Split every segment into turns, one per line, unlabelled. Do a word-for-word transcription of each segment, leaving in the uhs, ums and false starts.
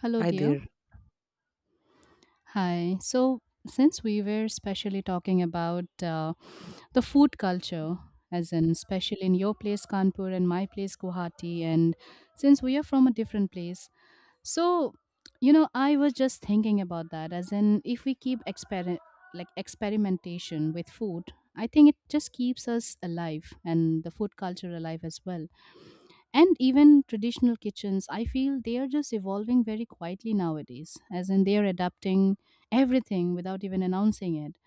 Hello,
Hi
dear.
there.
Hi. So, since we were especially talking about uh, the food culture, as in, especially in your place, Kanpur, and my place, Guwahati, and since we are from a different place, so, you know, I was just thinking about that, as in, if we keep exper- like experimentation with food, I think it just keeps us alive and the food culture alive as well. And even traditional kitchens, I feel they are just evolving very quietly nowadays, as in they are adapting everything without even announcing it.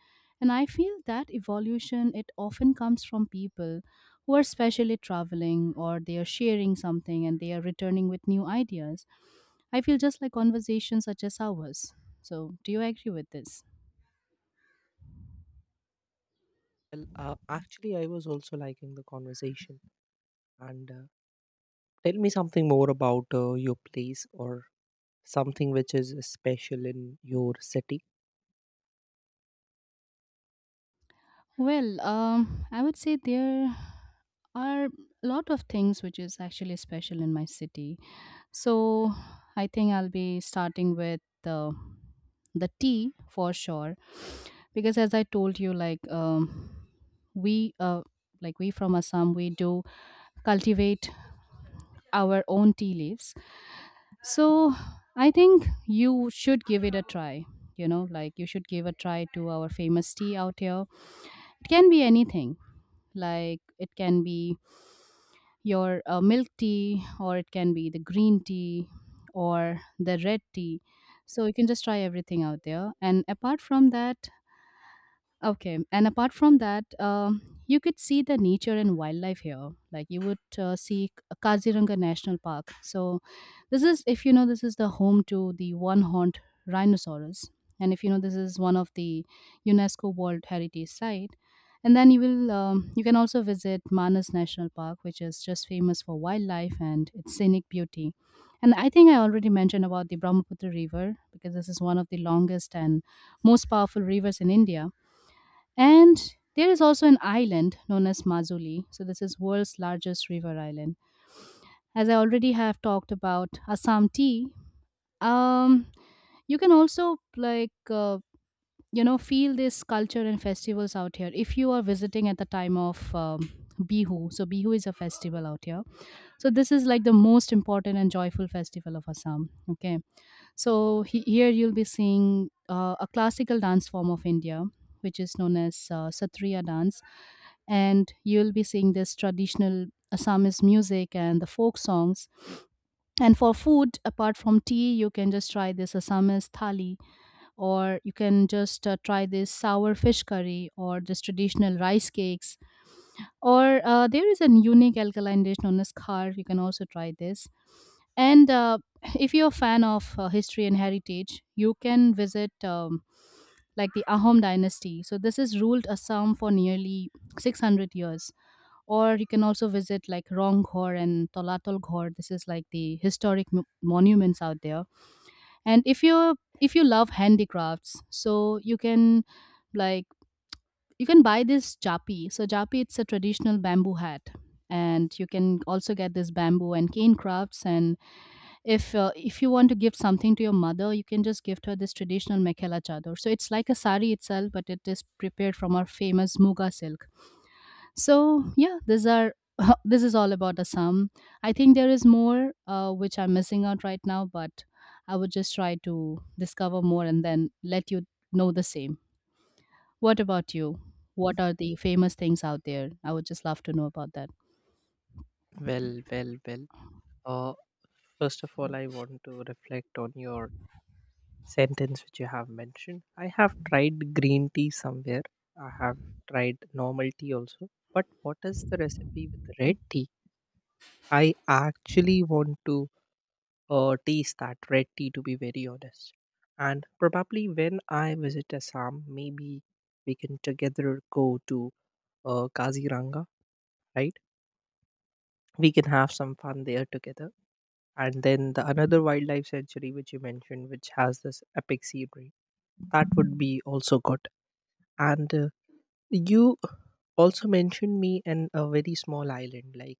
And I feel that evolution, it often comes from people who are specially traveling or they are sharing something and they are returning with new ideas. I feel just like conversations such as ours. So do you agree with this?
Well, uh, actually, I was also liking the conversation. And uh, Tell me something more about uh, your place or something which is special in your city.
Well, um, I would say there are a lot of things which is actually special in my city. So I think I'll be starting with uh, the tea, for sure, because as I told you, like, um, we uh, like we, from Assam, we do cultivate our own tea leaves. So I think you should give it a try. You know, like you should give a try to our famous tea out here. It can be anything. Like, it can be your uh, milk tea, or it can be the green tea or the red tea. So you can just try everything out there. And apart from that, okay, and apart from that, um, you could see the nature and wildlife here. Like, you would uh, see K- Kaziranga National Park. So, this is, if you know, this is the home to the one horned rhinoceros. And if you know, this is one of the UNESCO World Heritage Site. And then you will, um, you can also visit Manas National Park, which is just famous for wildlife and its scenic beauty. And I think I already mentioned about the Brahmaputra River, because this is one of the longest and most powerful rivers in India. And there is also an island known as Mazuli. So this is world's largest river island. As I already have talked about Assam tea, um, you can also, like, uh, you know, feel this culture and festivals out here. If you are visiting at the time of um, Bihu, so Bihu is a festival out here. So this is like the most important and joyful festival of Assam. Okay, so he, here you'll be seeing uh, a classical dance form of India, which is known as uh, Satriya dance, and you'll be seeing this traditional Assamese music and the folk songs. And for food, apart from tea, you can just try this Assamese thali, or you can just uh, try this sour fish curry, or this traditional rice cakes, or uh, there is a unique alkaline dish known as khar. You can also try this. And uh, if you're a fan of uh, history and heritage, you can visit um, like the Ahom dynasty. So this is ruled Assam for nearly six hundred years. Or you can also visit like Ronghor and Tolatol Ghor. This is like the historic mo- monuments out there. And if you if you love handicrafts, so you can, like, you can buy this japi. So japi, it's a traditional bamboo hat, and you can also get this bamboo and cane crafts. And if uh, if you want to give something to your mother, you can just gift her this traditional mekhela chador. So it's like a sari itself, but it is prepared from our famous muga silk. So yeah, these are. This is all about Assam. I think there is more uh, which I'm missing out right now, but I would just try to discover more and then let you know the same. What about you? What are the famous things out there? I would just love to know about that.
Well, well, well. Uh, first of all, I want to reflect on your sentence which you have mentioned. I have tried green tea somewhere, I have tried normal tea also. But what is the recipe with red tea? I actually want to uh, taste that red tea, to be very honest. And probably when I visit Assam, maybe we can together go to uh, Kaziranga, right? We can have some fun there together. And then the another wildlife sanctuary which you mentioned, which has this epic scenery, that would be also good. And uh, You also mentioned me in a very small island, like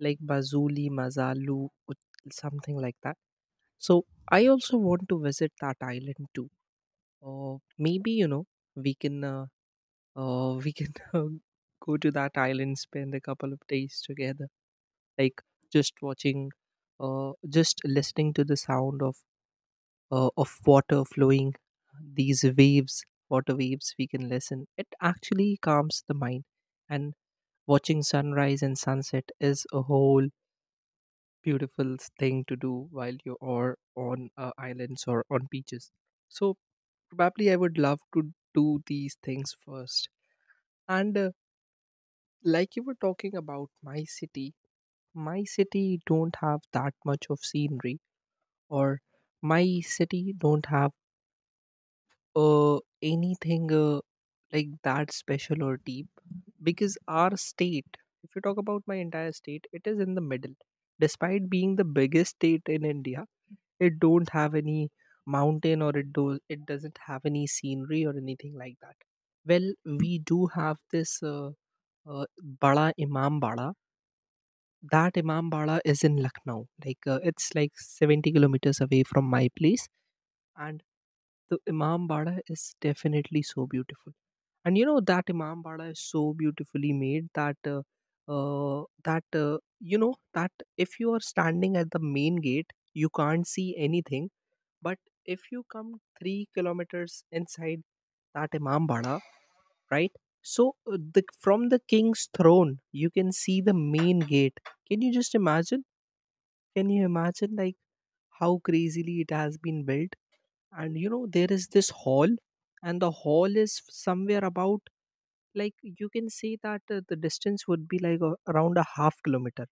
like Bazuli, Mazalu, ut- something like that. So I also want to visit that island too. Uh, maybe you know we can uh, uh, we can uh, go to that island, spend a couple of days together, like just watching, uh, just listening to the sound of uh, of water flowing, these waves, water waves. We can listen. It actually calms the mind, and watching sunrise and sunset is a whole beautiful thing to do while you are on uh, islands or on beaches. So probably I would love to do these things first. And uh, Like you were talking about my city, my city don't have that much of scenery or my city don't have uh, anything uh, like that special or deep because our state, if you talk about my entire state, it is in the middle. Despite being the biggest state in India, it don't have any mountain or it do it doesn't have any scenery or anything like that. Well, we do have this uh, uh, bada imam bada. That imam bada is in Lucknow, like uh, it's like seventy kilometers away from my place, and the imam bada is definitely so beautiful. And you know that imam bada is so beautifully made that uh, uh, that uh, you know, that if you are standing at the main gate, you can't see anything, but if you come three kilometers inside that Imambada, right? So uh, the, from the king's throne, you can see the main gate. Can you just imagine? Can you imagine like how crazily it has been built? And you know, there is this hall, and the hall is somewhere about, like you can say that uh, the distance would be like a, around a half kilometer.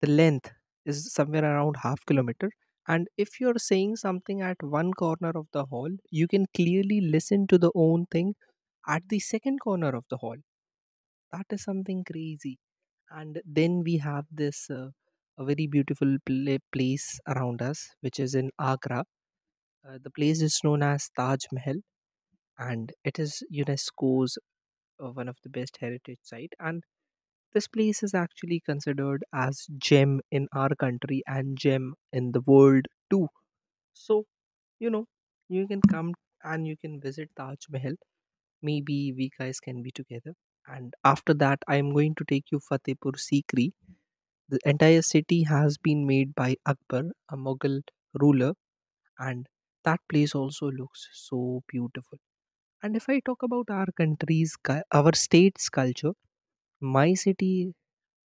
The length is somewhere around half kilometer, and if you're saying something at one corner of the hall, you can clearly listen to the own thing at the second corner of the hall. That is something crazy. And then we have this uh, a very beautiful pla- place around us which is in Agra. Uh, the place is known as Taj Mahal, and it is UNESCO's uh, one of the best heritage site. And this place is actually considered as gem in our country and gem in the world too. So, you know, you can come and you can visit Taj Mahal. Maybe we guys can be together. And after that, I am going to take you Fatehpur Sikri. The entire city has been made by Akbar, a Mughal ruler, and that place also looks so beautiful. And if I talk about our country's, cu- our state's culture, my city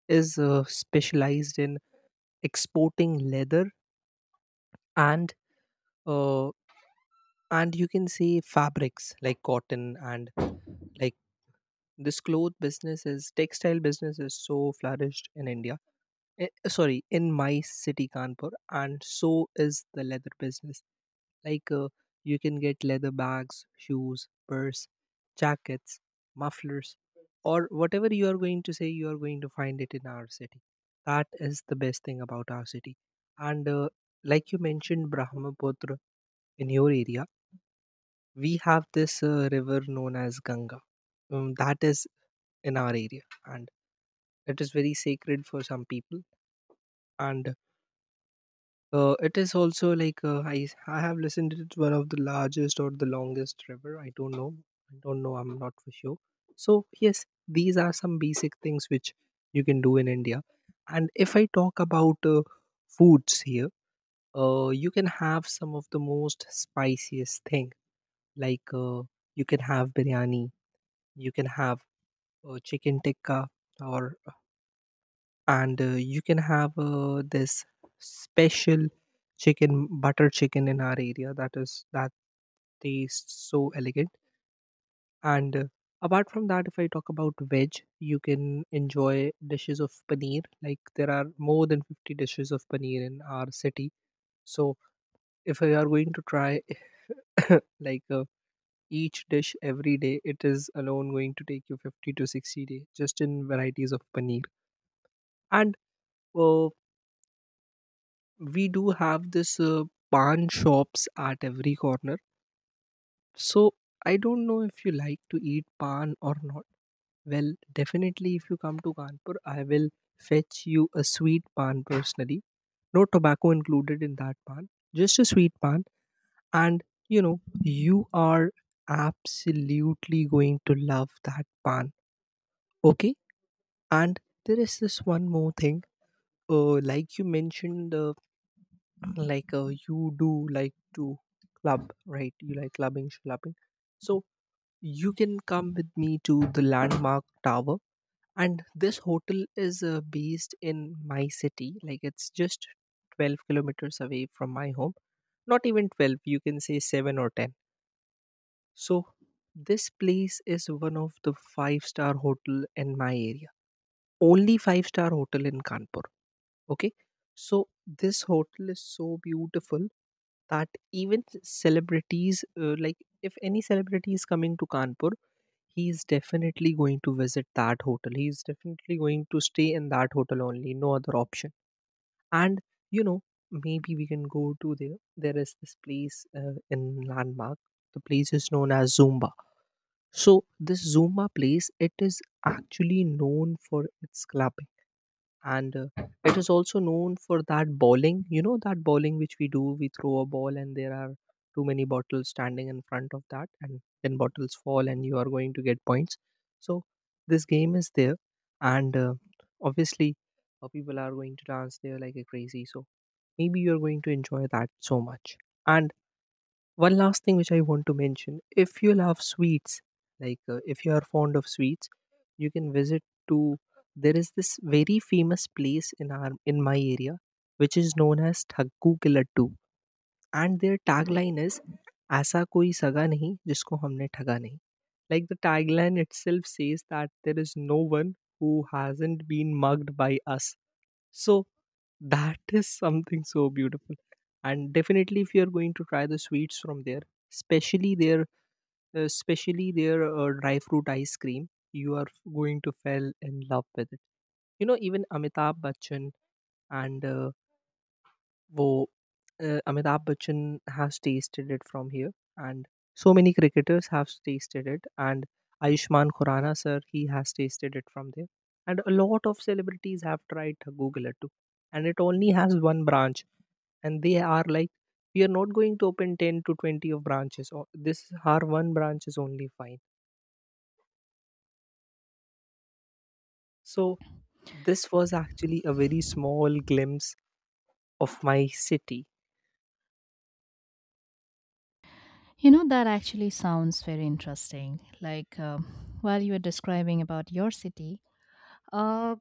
is uh, specialized in exporting leather and uh, and you can say fabrics like cotton and like this cloth business is textile business is so flourished in India, eh, sorry, in my city Kanpur, and so is the leather business. Like uh, you can get leather bags, shoes, purse, jackets, mufflers, or whatever you are going to say, you are going to find it in our city. That is the best thing about our city. And uh, Like you mentioned, Brahmaputra in your area, we have this uh, river known as Ganga. Um, that is in our area, and it is very sacred for some people. And Uh, it is also like uh, I I have listened to it one of the largest or the longest river. I don't know. I don't know. I'm not for sure. So yes, these are some basic things which you can do in India. And if I talk about uh, foods here, uh, you can have some of the most spiciest thing. Like uh, you can have biryani. You can have uh, chicken tikka or and uh, you can have uh, this special chicken butter chicken in our area. That is that tastes so elegant. And uh, Apart from that, if I talk about veg, you can enjoy dishes of paneer. Like there are more than fifty dishes of paneer in our city. So if you are going to try, like uh, each dish every day, it is alone going to take you fifty to sixty days just in varieties of paneer. And uh, we do have this uh, pan shops at every corner. So I don't know if you like to eat pan or not. Well, definitely if you come to Kanpur, I will fetch you a sweet pan personally. No tobacco included in that pan, just a sweet pan. And you know, you are absolutely going to love that pan. Okay? And there is this one more thing. Uh, like you mentioned, uh, like uh, you do like to club, right? You like clubbing clubbing. So you can come with me to the Landmark Tower, and this hotel is uh, based in my city. Like it's just twelve kilometers away from my home, not even twelve, you can say seven or ten. So this place is one of the five star hotel in my area, only five star hotel in Kanpur. Okay? So this hotel is so beautiful that even celebrities, uh, like if any celebrity is coming to Kanpur, he is definitely going to visit that hotel, he is definitely going to stay in that hotel only, no other option. And you know, maybe we can go to there. There is this place uh, in Landmark, the place is known as Zumba. So this Zumba place, it is actually known for its clubbing. And uh, It is also known for that bowling. You know that bowling which we do, we throw a ball and there are too many bottles standing in front of that, and then bottles fall and you are going to get points. So this game is there. And uh, Obviously, uh, people are going to dance there like a crazy. So maybe you're going to enjoy that so much. And one last thing which I want to mention: if you love sweets, like uh, if you are fond of sweets, you can visit to, there is this very famous place in our in my area which is known as Thaggu Ke Laddu, and their tagline is ऐसा कोई सगा नहीं जिसको हमने ठगा नहीं. Like the tagline itself says that there is no one who hasn't been mugged by us. So that is something so beautiful. And definitely, if you are going to try the sweets from there, especially their, uh, especially their uh, dry fruit ice cream, you are going to fall in love with it. You know, even Amitabh Bachchan and uh, wo, uh, Amitabh Bachchan has tasted it from here, and so many cricketers have tasted it, and Ayushman Khurana sir, he has tasted it from there, and a lot of celebrities have tried Google it too. And it only has one branch, and they are like, we are not going to open ten to twenty of branches, or this our one branch is only fine. So this was actually a very small glimpse of my city.
You know, that actually sounds very interesting. Like, um, while you were describing about your city, uh,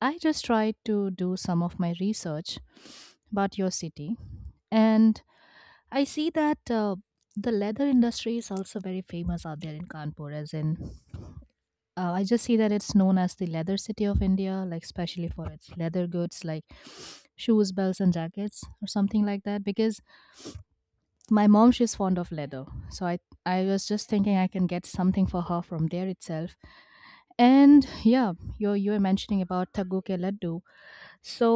I just tried to do some of my research about your city, and I see that uh, the leather industry is also very famous out there in Kanpur, as in, uh, I just see that it's known as the leather city of India, like especially for its leather goods like shoes, belts, and jackets, or something like that. Because my mom, she's fond of leather, so I I was just thinking I can get something for her from there itself. And yeah, you you were mentioning about Taggu ke laddu, so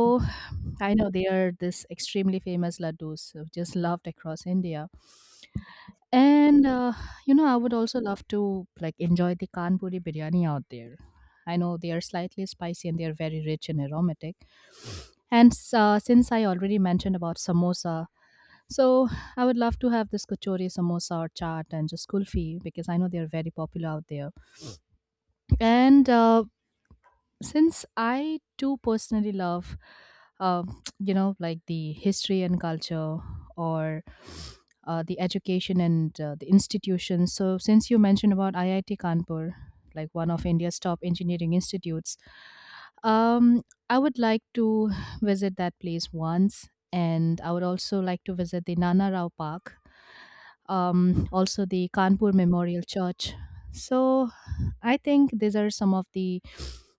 I know they are this extremely famous laddus, so just loved across India. And uh, you know, I would also love to like enjoy the Kanpuri biryani out there. I know they are slightly spicy and they are very rich and aromatic. And s- uh, since I already mentioned about samosa, so I would love to have this kachori samosa or chaat and just kulfi because I know they are very popular out there. And uh, since I too personally love, uh, you know, like the history and culture, or uh, the education and uh, the institutions. So, since you mentioned about I I T Kanpur, like one of India's top engineering institutes, um, I would like to visit that place once, and I would also like to visit the Nana Rao Park, um, also the Kanpur Memorial Church. So, I think these are some of the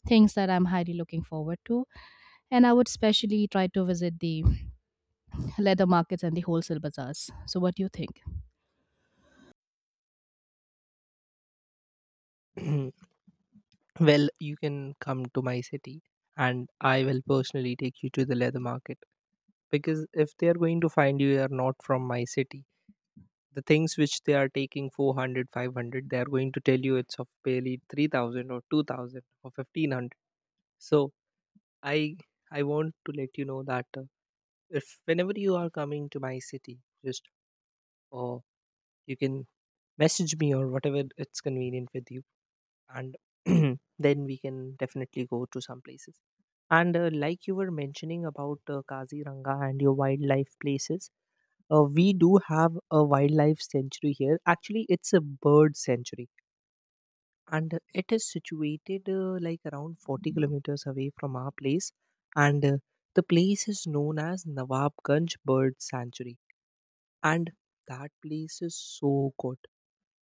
things that I'm highly looking forward to. And I would especially try to visit the leather markets and the wholesale bazaars. So, what do you think?
Well, you can come to my city and I will personally take you to the leather market, because if they are going to find you are not from my city, the things which they are taking four hundred, five hundred, they are going to tell you it's of barely three thousand or two thousand or fifteen hundred. So i i want to let you know that uh, if whenever you are coming to my city, just, or you can message me or whatever it's convenient with you, and then we can definitely go to some places. And uh, Like you were mentioning about uh, Kaziranga and your wildlife places, uh, we do have a wildlife sanctuary here. Actually it's a bird sanctuary, and it is situated uh, like around forty kilometers away from our place, and uh, the place is known as Nawabganj Bird Sanctuary. And that place is so good.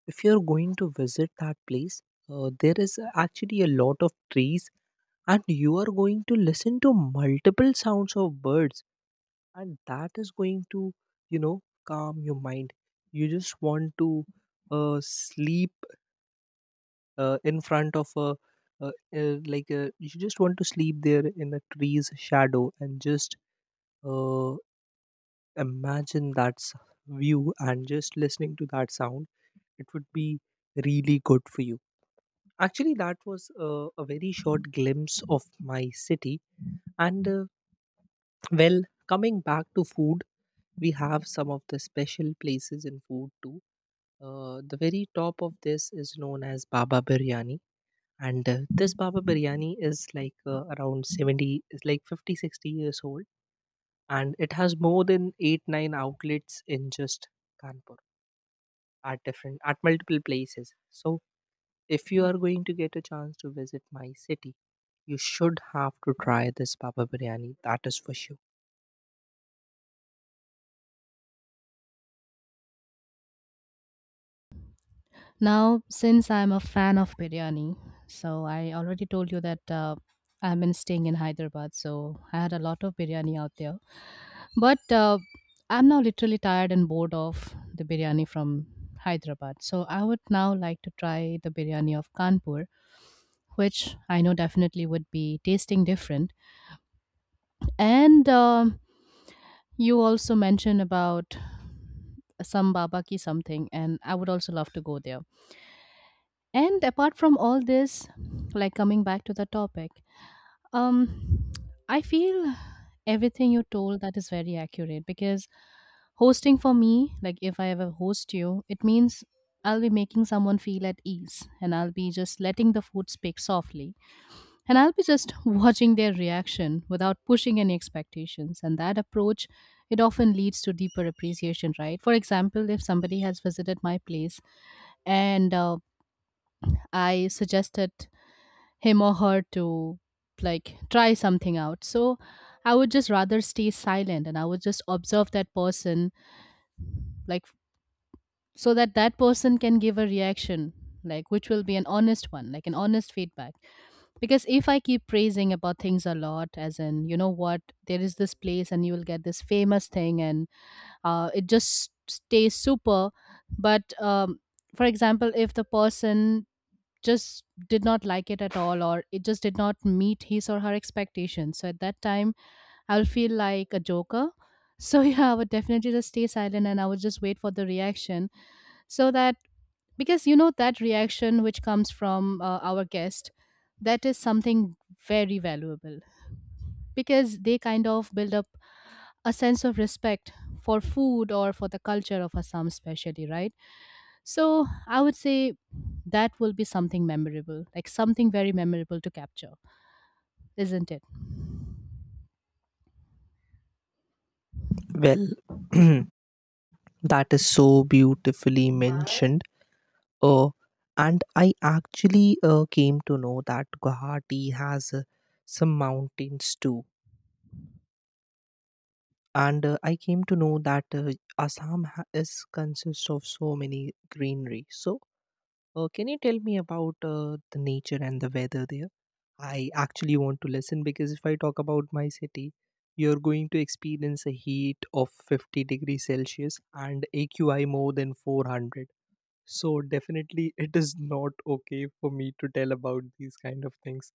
If you're going to visit that place, uh, there is actually a lot of trees, and you are going to listen to multiple sounds of birds, and that is going to, you know, calm your mind. You just want to uh, sleep uh, in front of a uh, uh, like a, you just want to sleep there in the tree's shadow and just uh, imagine that s- view and just listening to that sound. It would be really good for you. Actually, that was uh, a very short glimpse of my city. And uh, well coming back to food, we have some of the special places in food too. Uh, the very top of this is known as Baba Biryani. And uh, This Baba Biryani is like uh, around seventy, is like fifty, sixty years old, and it has more than 8 9 outlets in just Kanpur at different at multiple places. So if you are going to get a chance to visit my city, you should have to try this Baba Biryani. That is for sure.
Now, since I'm a fan of biryani, so I already told you that uh, I've been staying in Hyderabad, so I had a lot of biryani out there. But uh, I'm now literally tired and bored of the biryani from Hyderabad. So I would now like to try the biryani of Kanpur, which I know definitely would be tasting different. And um, you also mentioned about some baba ki something, and I would also love to go there. And apart from all this, like, coming back to the topic, um, I feel everything you told, that is very accurate, because hosting for me, like if I ever host you, it means I'll be making someone feel at ease and I'll be just letting the food speak softly, and I'll be just watching their reaction without pushing any expectations. And that approach, it often leads to deeper appreciation, right? For example, if somebody has visited my place and uh, I suggested him or her to like try something out. So I would just rather stay silent and I would just observe that person, like, so that that person can give a reaction, like, which will be an honest one, like an honest feedback. Because if I keep praising about things a lot, as in, you know what, there is this place and you will get this famous thing, and uh, it just stays super. But um, for example, if the person just did not like it at all, or it just did not meet his or her expectations, so at that time, I'll feel like a joker. So yeah, I would definitely just stay silent and I would just wait for the reaction, so that, because you know that reaction which comes from uh, our guest, that is something very valuable, because they kind of build up a sense of respect for food or for the culture of Assam, especially, right? So I would say that will be something memorable, like something very memorable to capture, isn't it?
Well, that is so beautifully mentioned. Uh, and I actually uh, came to know that Guwahati has uh, some mountains too. And uh, I came to know that uh, Assam ha- is consists of so many greenery. So Uh, can you tell me about uh, the nature and the weather there? I actually want to listen, because if I talk about my city, you're going to experience a heat of fifty degrees Celsius and A Q I more than four hundred. So definitely it is not okay for me to tell about these kind of things.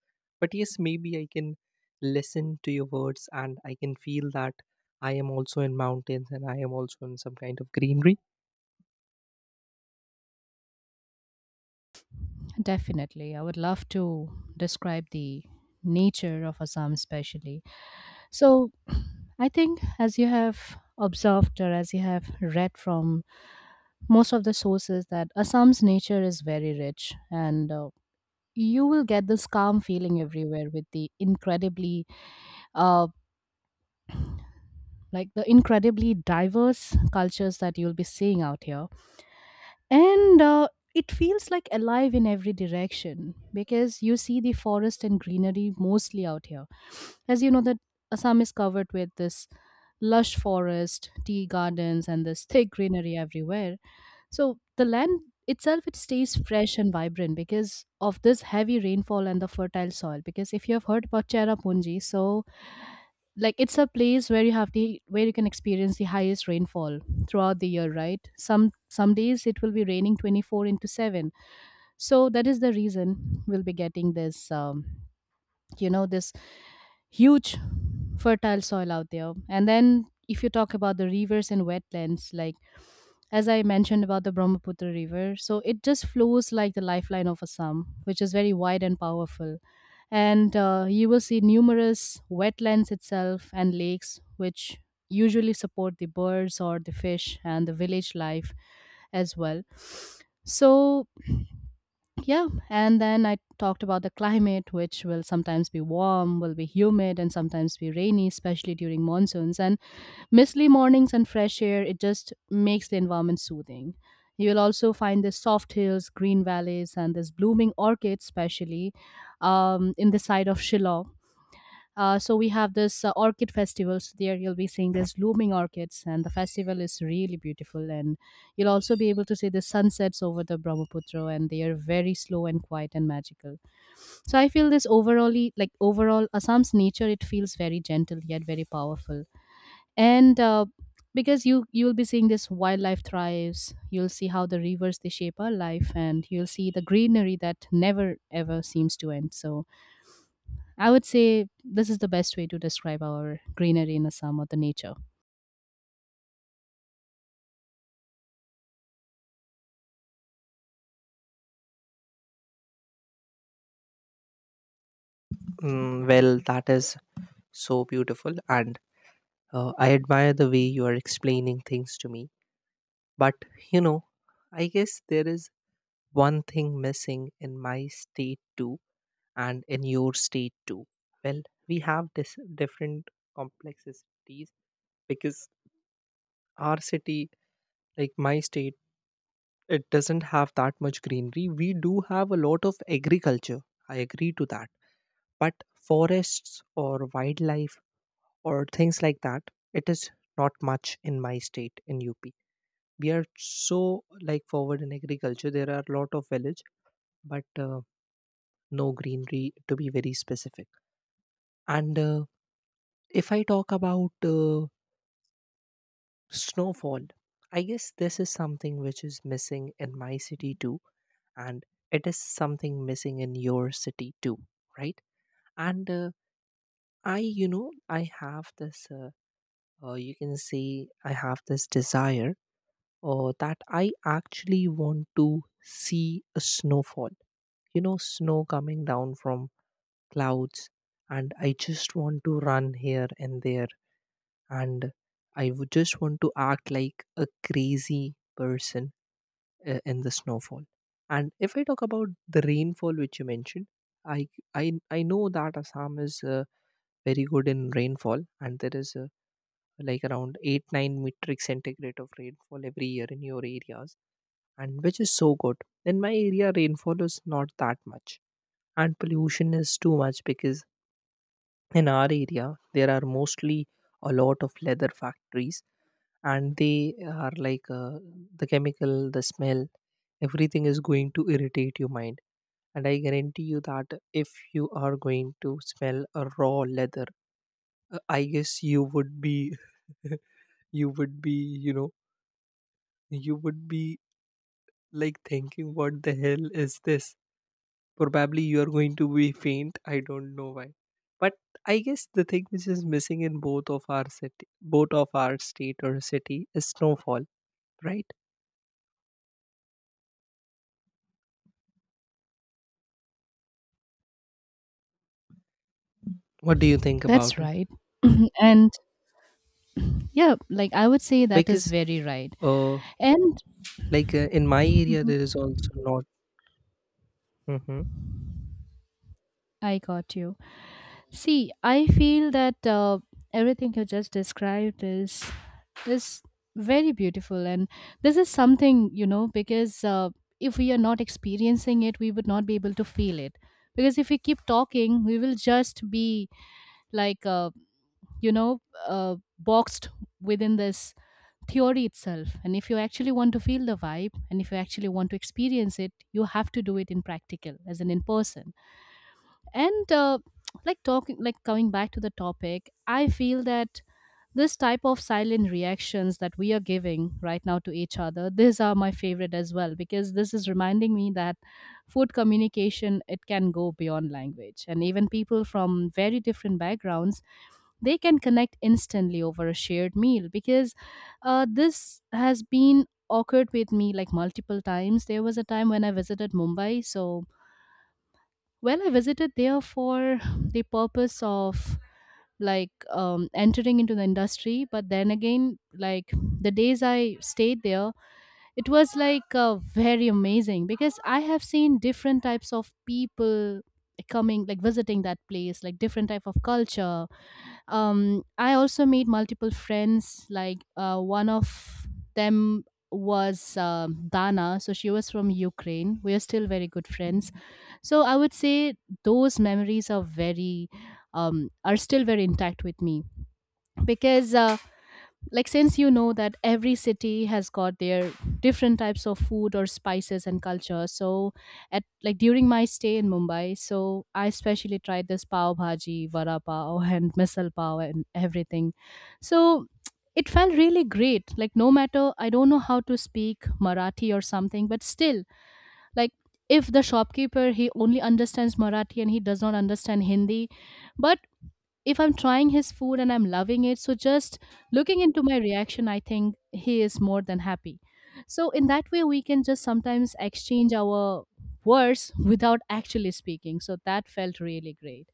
But yes, maybe I can listen to your words and I can feel that I am also in mountains and I am also in some kind of greenery.
Definitely. I would love to describe the nature of Assam, especially. So I think, as you have observed or as you have read from most of the sources, that Assam's nature is very rich and uh, you will get this calm feeling everywhere with the incredibly uh like the incredibly diverse cultures that you'll be seeing out here. And uh, it feels like alive in every direction, because you see the forest and greenery mostly out here. As you know that Assam is covered with this lush forest, tea gardens, and this thick greenery everywhere. So the land itself, it stays fresh and vibrant because of this heavy rainfall and the fertile soil. Because if you have heard about Cherrapunji, so like it's a place where you have the where you can experience the highest rainfall throughout the year, right? Some some days it will be raining twenty four into seven. So that is the reason we'll be getting this. Um, you know this huge fertile soil out there, and then if you talk about the rivers and wetlands, like as I mentioned about the Brahmaputra river, so it just flows like the lifeline of Assam, which is very wide and powerful. And uh, you will see numerous wetlands itself and lakes which usually support the birds or the fish and the village life as well. So yeah, and then I talked about the climate, which will sometimes be warm, will be humid, and sometimes be rainy, especially during monsoons. And misty mornings and fresh air, it just makes the environment soothing. You will also find the soft hills, green valleys, and this blooming orchids, especially um, in the side of Shillong. Uh, so we have this uh, orchid festival. So there you'll be seeing these blooming orchids, and the festival is really beautiful. And you'll also be able to see the sunsets over the Brahmaputra, and they are very slow and quiet and magical. So I feel this overall, like overall Assam's nature, it feels very gentle yet very powerful. And uh, because you you'll be seeing this wildlife thrives, you'll see how the rivers they shape our life, and you'll see the greenery that never ever seems to end. So I would say this is the best way to describe our greenery in Assam or the nature.
Mm, well, that is so beautiful. And Uh, I admire the way you are explaining things to me. But, you know, I guess there is one thing missing in my state too, and in your state too. Well, we have this different complexities because our city, like my state, it doesn't have that much greenery. We do have a lot of agriculture, I agree to that. But forests or wildlife or things like that, it is not much in my state, in U P. We are so like forward in agriculture, there are a lot of village, but uh, no greenery, to be very specific. And uh, if i talk about uh, snowfall, I guess this is something which is missing in my city too, and it is something missing in your city too, right? And uh, i you know i have this uh, uh, you can say, I have this desire, or that I actually want to see a snowfall, you know, snow coming down from clouds, and I just want to run here and there, and I would just want to act like a crazy person uh, in the snowfall. And if I talk about the rainfall which you mentioned, I I I know that Assam is uh, very good in rainfall, and there is uh, like around eight nine metric centigrade of rainfall every year in your areas, and which is so good. In my area, rainfall is not that much, and pollution is too much, because in our area there are mostly a lot of leather factories, and they are like uh, the chemical, the smell, everything is going to irritate your mind. And I guarantee you that if you are going to smell a raw leather, uh, I guess you would be you would be you know you would be like thinking, what the hell is this? Probably you are going to be faint, I don't know why. But I guess the thing which is missing in both of our city, both of our state or city, is snowfall, right? What do you think
That's
about it?
right. And yeah, like I would say that is
Because
very right.
uh
And
like uh, In my area there is also not, hmm.
I got you. See, I feel that uh, everything you just described is is very beautiful, and this is something you know because uh, if we are not experiencing it, we would not be able to feel it. Because if we keep talking, we will just be like uh, you know uh, boxed within this theory itself. And if you actually want to feel the vibe and if you actually want to experience it, you have to do it in practical, as in in person. And uh, like talking, like coming back to the topic, I feel that this type of silent reactions that we are giving right now to each other, these are my favorite as well, because this is reminding me that food communication, it can go beyond language, and even people from very different backgrounds, they can connect instantly over a shared meal. Because uh, this has been occurred with me like multiple times. There was a time when I visited Mumbai. So, well, I visited there for the purpose of like um, entering into the industry. But then again, like the days I stayed there, it was like uh, very amazing, because I have seen different types of people coming, like visiting that place, like different type of culture. um I also made multiple friends, like uh one of them was um, Dana. So she was from Ukraine. We are still very good friends. So I would say those memories are very um are still very intact with me, because uh, like since you know that every city has got their different types of food or spices and culture. So at like during my stay in Mumbai, so I especially tried this pav bhaji, vada pav and misal pav and everything. So it felt really great, like no matter I don't know how to speak Marathi or something, but still, like, if the shopkeeper, he only understands Marathi and he does not understand Hindi, but if I'm trying his food and I'm loving it, so just looking into my reaction, I think he is more than happy. So, in that way, we can just sometimes exchange our words without actually speaking. So, that felt really great,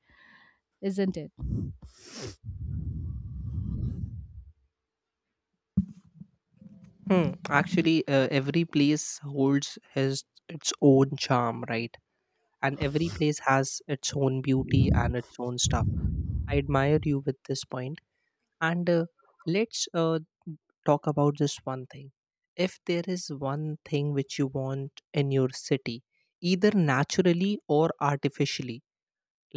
isn't it?
Hmm. Actually, uh, every place holds his its own charm, right? And every place has its own beauty and its own stuff. I admire you with this point. And uh, let's uh, talk about this one thing. If there is one thing which you want in your city, either naturally or artificially,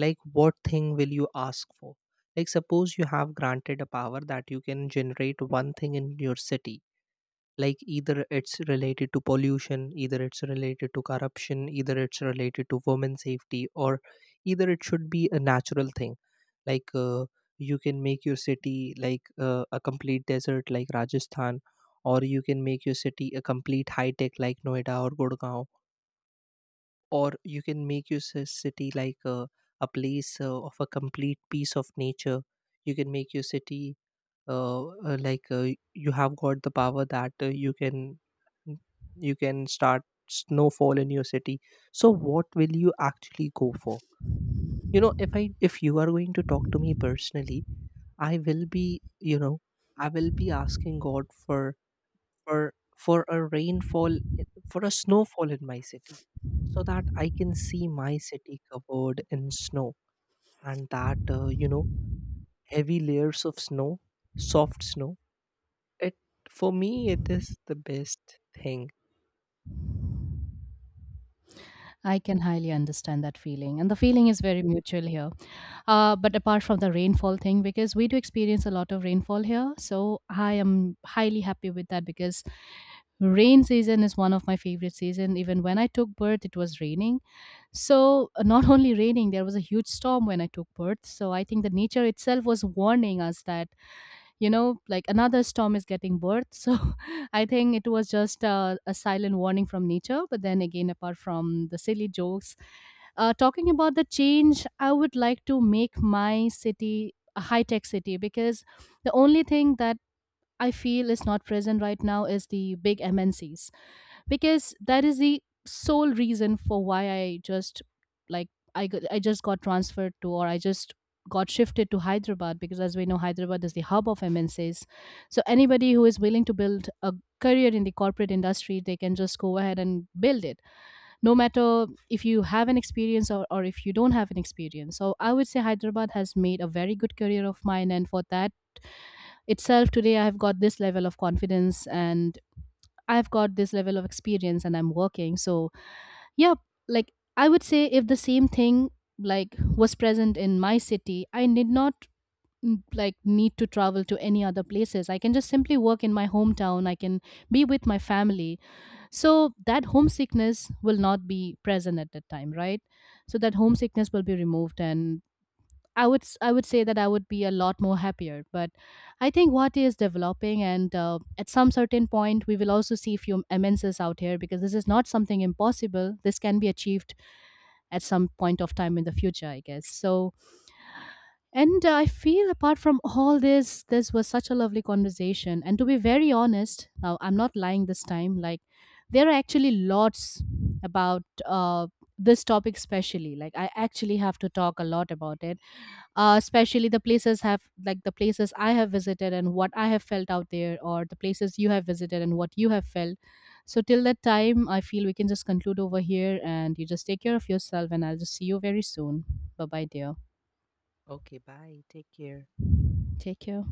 like what thing will you ask for? Like, suppose you have granted a power that you can generate one thing in your city, like either it's related to pollution, either it's related to corruption, either it's related to women safety, or either it should be a natural thing. Like uh, you can make your city like uh, a complete desert, like Rajasthan, or you can make your city a complete high tech, like Noida or Gurgaon, or you can make your ci- city like a a place uh, of a complete piece of nature. You can make your city uh, uh, like uh, you have got the power that uh, you can you can start snowfall in your city. So what will you actually go for? You know, if i if you are going to talk to me personally, i will be, you know, I will be asking god for for for a rainfall, for a snowfall in my city, so that I can see my city covered in snow, and that, uh, you know, heavy layers of snow, soft snow. It For me, it is the best thing.
I can highly understand that feeling. And the feeling is very mutual here. Uh, but apart from the rainfall thing, because we do experience a lot of rainfall here. So, I am highly happy with that, because rain season is one of my favorite season. Even when I took birth, it was raining. So, uh, not only raining, there was a huge storm when I took birth. So, I think the nature itself was warning us that, you know, like another storm is getting birth. So, I think it was just a, a silent warning from nature. But then again, apart from the silly jokes, uh, talking about the change, I would like to make my city a high tech city, because the only thing that I feel is not present right now is the big M N Cs, because that is the sole reason for why I just like I got, I just got transferred to, or I just got shifted to Hyderabad, because as we know Hyderabad is the hub of M N Cs. So anybody who is willing to build a career in the corporate industry, they can just go ahead and build it. No matter if you have an experience, or, or if you don't have an experience. So I would say Hyderabad has made a very good career of mine, and for that itself, today I have got this level of confidence, and I've got this level of experience, and I'm working. So yeah, like I would say, if the same thing like was present in my city, I did not mm, like need to travel to any other places. I can just simply work in my hometown. I can be with my family, so that homesickness will not be present at that time, right? So that homesickness will be removed. And i would s- i would say that I would be a lot more happier. But I think what is developing, and uh, at some certain point we will also see few M N Cs out here, because this is not something impossible. This can be achieved at some point of time in the future, I guess. So, and uh, I feel apart from all this, this was such a lovely conversation. And to be very honest, now I'm not lying this time, like, there are actually lots about uh, this topic, especially. Like, I actually have to talk a lot about it, uh, especially the places have like the places I have visited and what I have felt out there, or the places you have visited and what you have felt. So till that time I feel we can just conclude over here, and you just take care of yourself, and I'll just see you very soon. Bye bye, dear.
Okay, bye. Take care.
Take care.